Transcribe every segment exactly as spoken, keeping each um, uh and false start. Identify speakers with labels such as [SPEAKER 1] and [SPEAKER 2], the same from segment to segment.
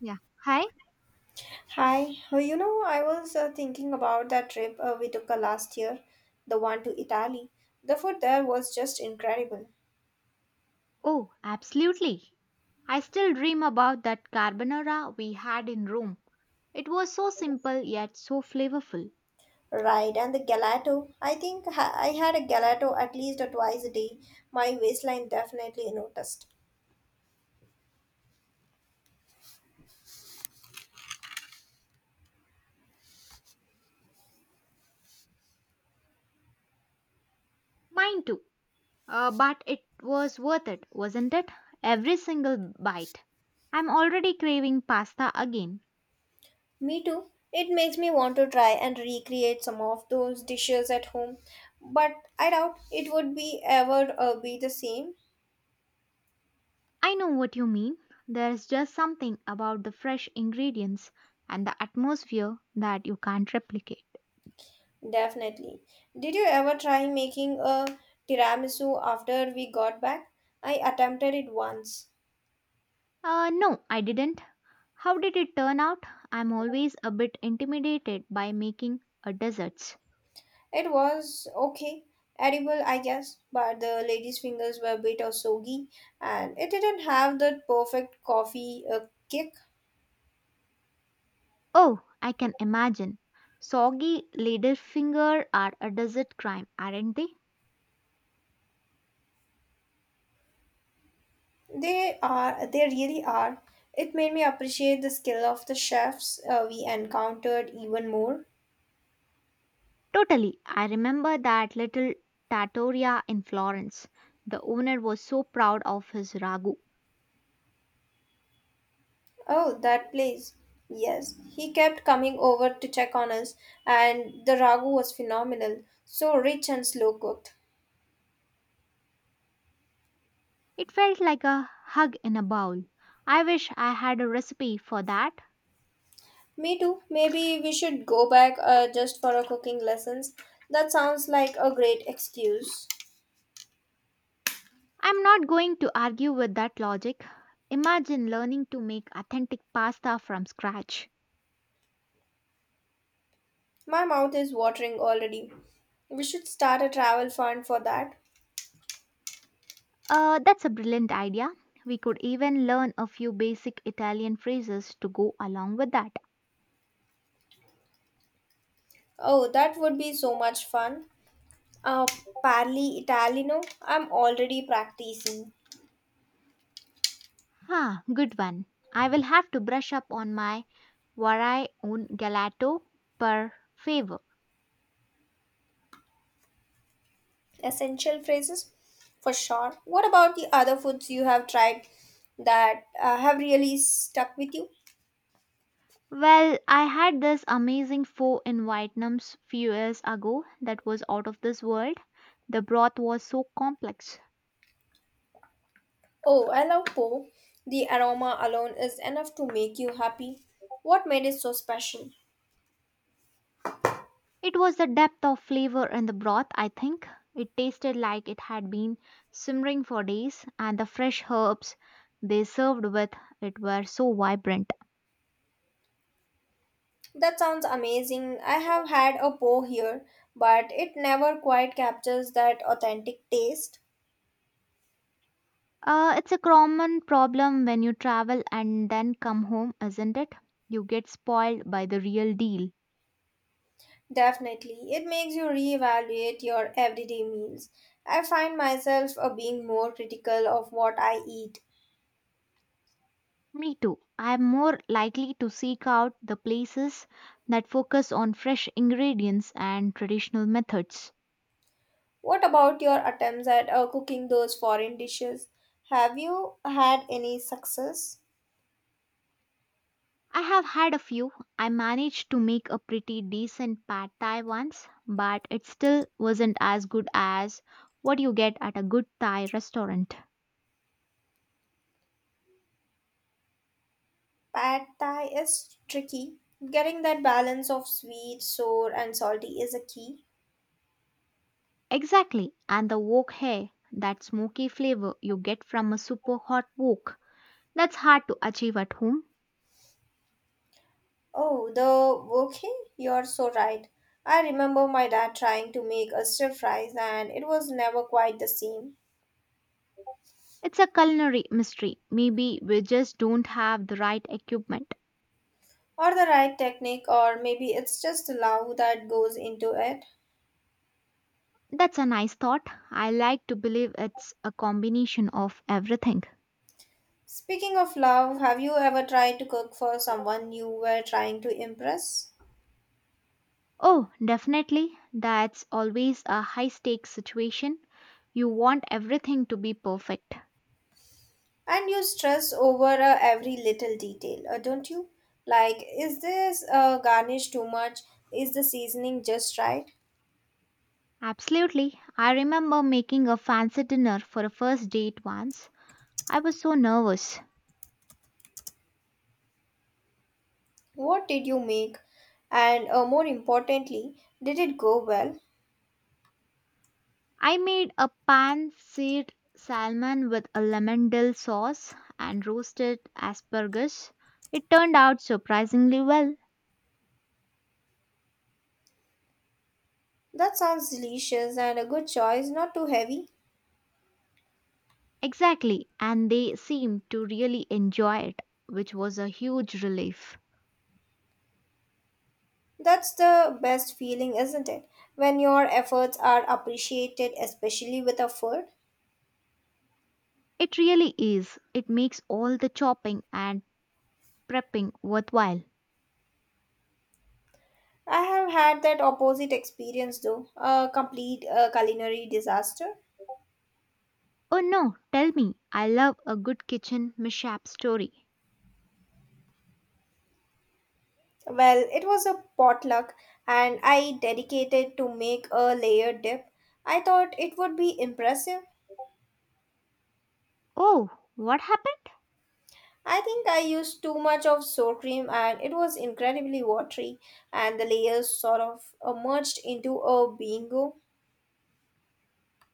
[SPEAKER 1] Yeah. Hi?
[SPEAKER 2] Hi, Uh, you know, I was uh, thinking about that trip uh, we took uh, last year, the one to Italy. The food there was just incredible.
[SPEAKER 1] Oh, absolutely. I still dream about that carbonara we had in Rome. It was so simple yet so flavorful.
[SPEAKER 2] Right, and the gelato. I think ha- I had a gelato at least uh, twice a day. My waistline definitely noticed.
[SPEAKER 1] Mine too. Uh, but it was worth it, wasn't it? Every single bite. I'm already craving pasta again.
[SPEAKER 2] Me too. It makes me want to try and recreate some of those dishes at home, but I doubt it would be ever uh, be the same.
[SPEAKER 1] I know what you mean. There's just something about the fresh ingredients and the atmosphere that you can't replicate.
[SPEAKER 2] Definitely. Did you ever try making a tiramisu after we got back? I attempted it once.
[SPEAKER 1] Uh, no, I didn't. How did it turn out? I'm always a bit intimidated by making a desserts.
[SPEAKER 2] It was okay, edible, I guess, but the lady's fingers were a bit of soggy and it didn't have that perfect coffee uh, kick.
[SPEAKER 1] Oh, I can imagine. Soggy ladyfinger are a desert crime, aren't they?
[SPEAKER 2] They are, they really are. It made me appreciate the skill of the chefs uh, we encountered even more.
[SPEAKER 1] Totally. I remember that little trattoria in Florence. The owner was so proud of his ragu.
[SPEAKER 2] Oh, that place. Yes, he kept coming over to check on us, and the ragu was phenomenal. So rich and slow cooked.
[SPEAKER 1] It felt like a hug in a bowl. I wish I had a recipe for that.
[SPEAKER 2] Me too. Maybe we should go back uh, just for a cooking lessons. That sounds like a great excuse.
[SPEAKER 1] I'm not going to argue with that logic. Imagine learning to make authentic pasta from scratch.
[SPEAKER 2] My mouth is watering already. We should start a travel fund for that.
[SPEAKER 1] Uh, that's a brilliant idea. We could even learn a few basic Italian phrases to go along with that.
[SPEAKER 2] Oh, that would be so much fun. Uh, Parli Italiano. I'm already practicing.
[SPEAKER 1] Ah, good one. I will have to brush up on my vorrei un gelato per favor.
[SPEAKER 2] Essential phrases for sure. What about the other foods you have tried that uh, have really stuck with you?
[SPEAKER 1] Well, I had this amazing pho in Vietnam s few years ago that was out of this world. The broth was so complex.
[SPEAKER 2] Oh, I love po. The aroma alone is enough to make you happy. What made it so special?
[SPEAKER 1] It was the depth of flavor in the broth, I think. It tasted like it had been simmering for days, and the fresh herbs they served with it were so vibrant.
[SPEAKER 2] That sounds amazing. I have had a po here, but it never quite captures that authentic taste.
[SPEAKER 1] Uh, it's a common problem when you travel and then come home, isn't it? You get spoiled by the real deal.
[SPEAKER 2] Definitely, it makes you reevaluate your everyday meals. I find myself uh, being more critical of what I eat.
[SPEAKER 1] Me too. I'm more likely to seek out the places that focus on fresh ingredients and traditional methods.
[SPEAKER 2] What about your attempts at uh, cooking those foreign dishes? Have you had any success?
[SPEAKER 1] I have had a few. I managed to make a pretty decent pad thai once, but it still wasn't as good as what you get at a good Thai restaurant.
[SPEAKER 2] Pad Thai is tricky. Getting that balance of sweet, sour, and salty is a key.
[SPEAKER 1] Exactly, and the wok hai, that smoky flavor you get from a super hot wok, that's hard to achieve at home.
[SPEAKER 2] Oh, the wokey? You're so right. I remember my dad trying to make a stir fries and it was never quite the same.
[SPEAKER 1] It's a culinary mystery. Maybe we just don't have the right equipment.
[SPEAKER 2] Or the right technique, or maybe it's just the love that goes into it.
[SPEAKER 1] That's a nice thought. I like to believe it's a combination of everything.
[SPEAKER 2] Speaking of love, have you ever tried to cook for someone you were trying to impress?
[SPEAKER 1] Oh, definitely. That's always a high stakes situation. You want everything to be perfect.
[SPEAKER 2] And you stress over uh, every little detail, uh, don't you? Like, is this uh, garnish too much? Is the seasoning just right?
[SPEAKER 1] Absolutely. I remember making a fancy dinner for a first date once. I was so nervous.
[SPEAKER 2] What did you make? And uh, more importantly, did it go well?
[SPEAKER 1] I made a pan-seared salmon with a lemon dill sauce and roasted asparagus. It turned out surprisingly well.
[SPEAKER 2] That sounds delicious and a good choice, not too heavy.
[SPEAKER 1] Exactly, and they seemed to really enjoy it, which was a huge relief.
[SPEAKER 2] That's the best feeling, isn't it? When your efforts are appreciated, especially with a food.
[SPEAKER 1] It really is. It makes all the chopping and prepping worthwhile.
[SPEAKER 2] I have had that opposite experience though, a complete uh, culinary disaster.
[SPEAKER 1] Oh no, tell me, I love a good kitchen mishap story.
[SPEAKER 2] Well, it was a potluck and I dedicated to make a layered dip. I thought it would be impressive.
[SPEAKER 1] Oh, what happened?
[SPEAKER 2] I think I used too much of sour cream and it was incredibly watery and the layers sort of uh, merged into a bingo.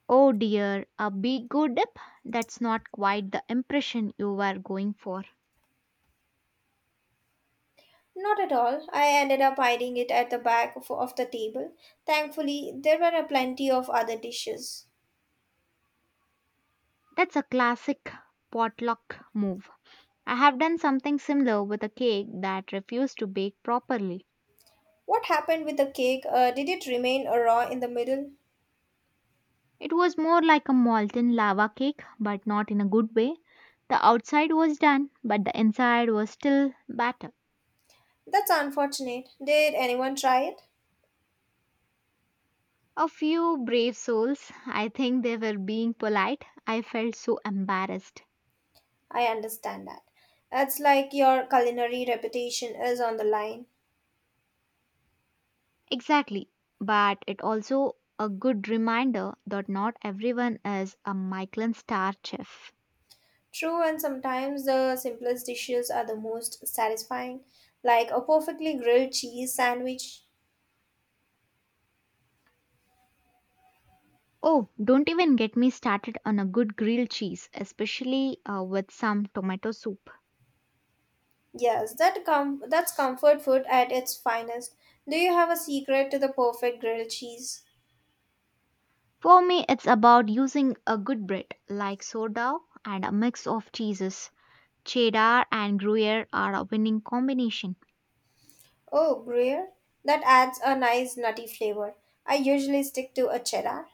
[SPEAKER 1] Oh dear, a big go dip? That's not quite the impression you were going for.
[SPEAKER 2] Not at all. I ended up hiding it at the back of, of the table. Thankfully, there were a plenty of other dishes.
[SPEAKER 1] That's a classic potluck move. I have done something similar with a cake that refused to bake properly.
[SPEAKER 2] What happened with the cake? Uh, did it remain uh, raw in the middle?
[SPEAKER 1] It was more like a molten lava cake, but not in a good way. The outside was done, but the inside was still battered.
[SPEAKER 2] That's unfortunate. Did anyone try it?
[SPEAKER 1] A few brave souls, I think they were being polite. I felt so embarrassed.
[SPEAKER 2] I understand that. It's like your culinary reputation is on the line.
[SPEAKER 1] Exactly, but it also a good reminder that not everyone is a Michelin star chef.
[SPEAKER 2] True, and sometimes the simplest dishes are the most satisfying, like a perfectly grilled cheese sandwich.
[SPEAKER 1] Oh, don't even get me started on a good grilled cheese, especially uh, with some tomato soup.
[SPEAKER 2] Yes, that com- that's comfort food at its finest. Do you have a secret to the perfect grilled cheese?
[SPEAKER 1] For me, it's about using a good bread like sourdough and a mix of cheeses. Cheddar and Gruyere are a winning combination.
[SPEAKER 2] Oh, Gruyere? That adds a nice nutty flavor. I usually stick to a cheddar.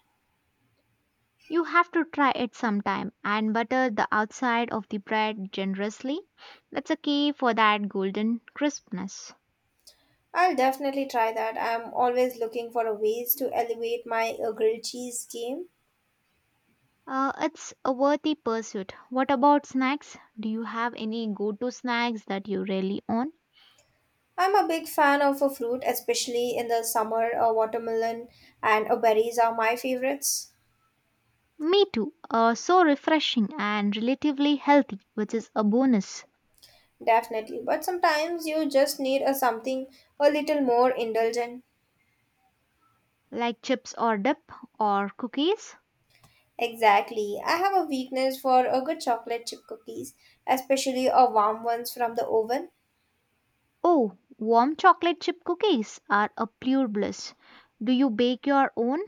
[SPEAKER 1] You have to try it sometime and butter the outside of the bread generously. That's a key for that golden crispness.
[SPEAKER 2] I'll definitely try that. I'm always looking for a ways to elevate my uh, grilled cheese game.
[SPEAKER 1] Uh, it's a worthy pursuit. What about snacks? Do you have any go to snacks that you really own?
[SPEAKER 2] I'm a big fan of a fruit, especially in the summer. A watermelon and a berries are my favorites,
[SPEAKER 1] Me too. Uh, so refreshing and relatively healthy, which is a bonus.
[SPEAKER 2] definitely. But sometimes you just need a something a little more indulgent.
[SPEAKER 1] Like chips or dip or cookies?
[SPEAKER 2] Exactly. I have a weakness for a good chocolate chip cookies, especially a warm ones from the oven.
[SPEAKER 1] Oh, warm chocolate chip cookies are a pure bliss. Do you bake your own?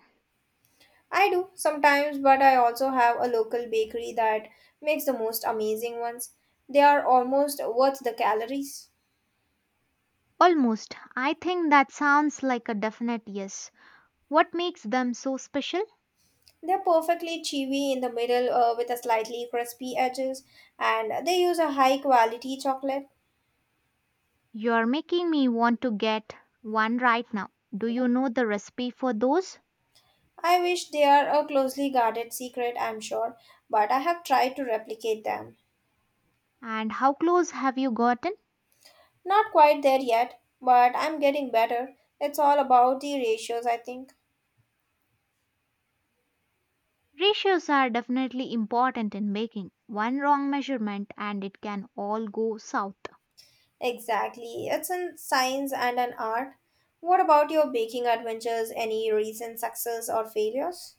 [SPEAKER 2] I do sometimes, but I also have a local bakery that makes the most amazing ones. They are almost worth the calories.
[SPEAKER 1] Almost. I think that sounds like a definite yes. What makes them so special?
[SPEAKER 2] They're perfectly chewy in the middle uh, with a slightly crispy edges, and they use a high quality chocolate.
[SPEAKER 1] You're making me want to get one right now. Do you know the recipe for those?
[SPEAKER 2] I wish they are a closely guarded secret, I'm sure, but I have tried to replicate them.
[SPEAKER 1] And how close have you gotten?
[SPEAKER 2] Not quite there yet, but I'm getting better. It's all about the ratios, I think.
[SPEAKER 1] Ratios are definitely important in baking. One wrong measurement and it can all go south.
[SPEAKER 2] Exactly. It's in science and an art. What about your baking adventures? Any recent success or failures?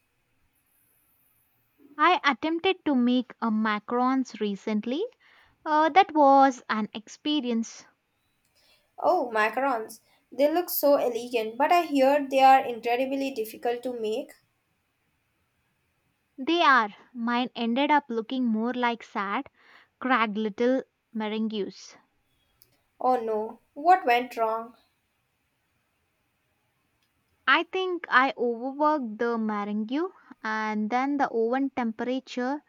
[SPEAKER 1] I attempted to make a macarons recently. Uh, that was an experience.
[SPEAKER 2] Oh, macarons. They look so elegant, but I hear they are incredibly difficult to make.
[SPEAKER 1] They are. Mine ended up looking more like sad, cracked little meringues.
[SPEAKER 2] Oh no, what went wrong?
[SPEAKER 1] I think I overworked the meringue and then the oven temperature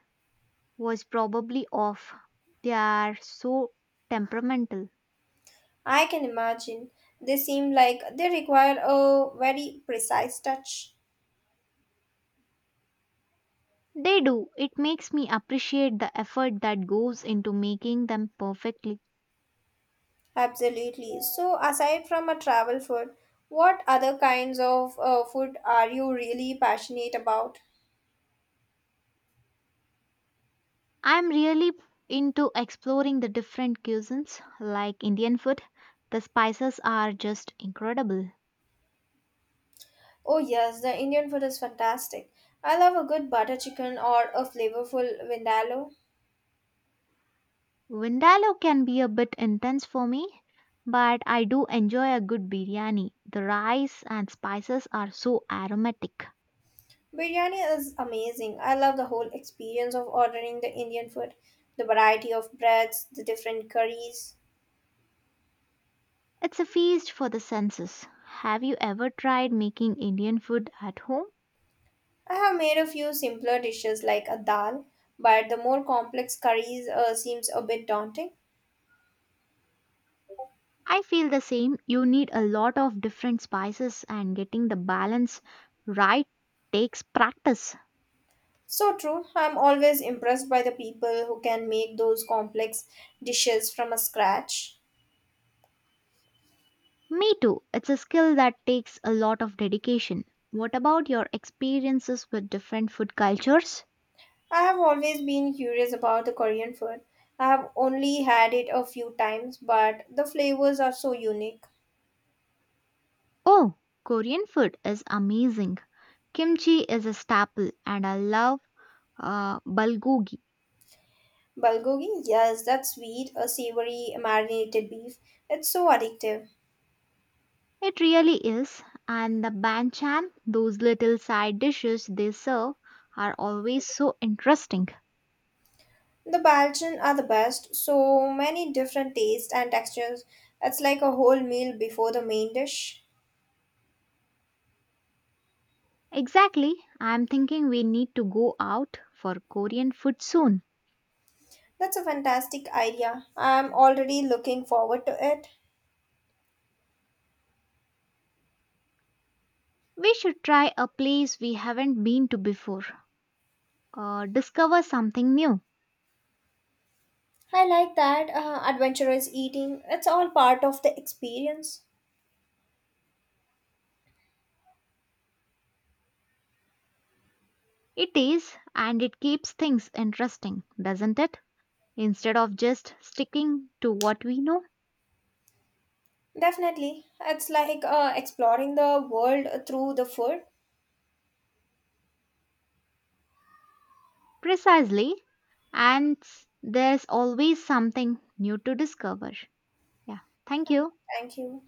[SPEAKER 1] was probably off. They are so temperamental.
[SPEAKER 2] I can imagine. They seem like they require a very precise touch.
[SPEAKER 1] They do. It makes me appreciate the effort that goes into making them perfectly.
[SPEAKER 2] Absolutely. So, aside from a travel food, what other kinds of uh, food are you really passionate about?
[SPEAKER 1] I'm really into exploring the different cuisines like Indian food. The spices are just incredible.
[SPEAKER 2] Oh, yes, the Indian food is fantastic. I love a good butter chicken or a flavorful vindaloo.
[SPEAKER 1] Vindaloo can be a bit intense for me, but I do enjoy a good biryani. The rice and spices are so aromatic.
[SPEAKER 2] Biryani is amazing. I love the whole experience of ordering the Indian food, the variety of breads, the different curries.
[SPEAKER 1] It's a feast for the senses. Have you ever tried making Indian food at home?
[SPEAKER 2] I have made a few simpler dishes like a dal, but the more complex curries uh, seems a bit daunting.
[SPEAKER 1] I feel the same. You need a lot of different spices and getting the balance right takes practice.
[SPEAKER 2] So true. I'm always impressed by the people who can make those complex dishes from a scratch.
[SPEAKER 1] Me too. It's a skill that takes a lot of dedication. What about your experiences with different food cultures?
[SPEAKER 2] I have always been curious about the Korean food. I have only had it a few times, but the flavors are so unique.
[SPEAKER 1] Oh, Korean food is amazing. Kimchi is a staple, and I love uh, bulgogi.
[SPEAKER 2] Bulgogi, yes, that sweet, a savory marinated beef. It's so addictive.
[SPEAKER 1] It really is. And the banchan, those little side dishes they serve, are always so interesting.
[SPEAKER 2] The Balkan are the best, so many different tastes and textures. It's like a whole meal before the main dish.
[SPEAKER 1] Exactly. I'm thinking we need to go out for Korean food soon.
[SPEAKER 2] That's a fantastic idea. I'm already looking forward to it.
[SPEAKER 1] We should try a place we haven't been to before. Uh, discover something new.
[SPEAKER 2] I like that uh, adventurous eating. It's all part of the experience.
[SPEAKER 1] It is, and it keeps things interesting, doesn't it? Instead of just sticking to what we know.
[SPEAKER 2] Definitely. It's like uh, exploring the world through the food.
[SPEAKER 1] Precisely, and s- there's always something new to discover. Yeah, thank you.
[SPEAKER 2] Thank you.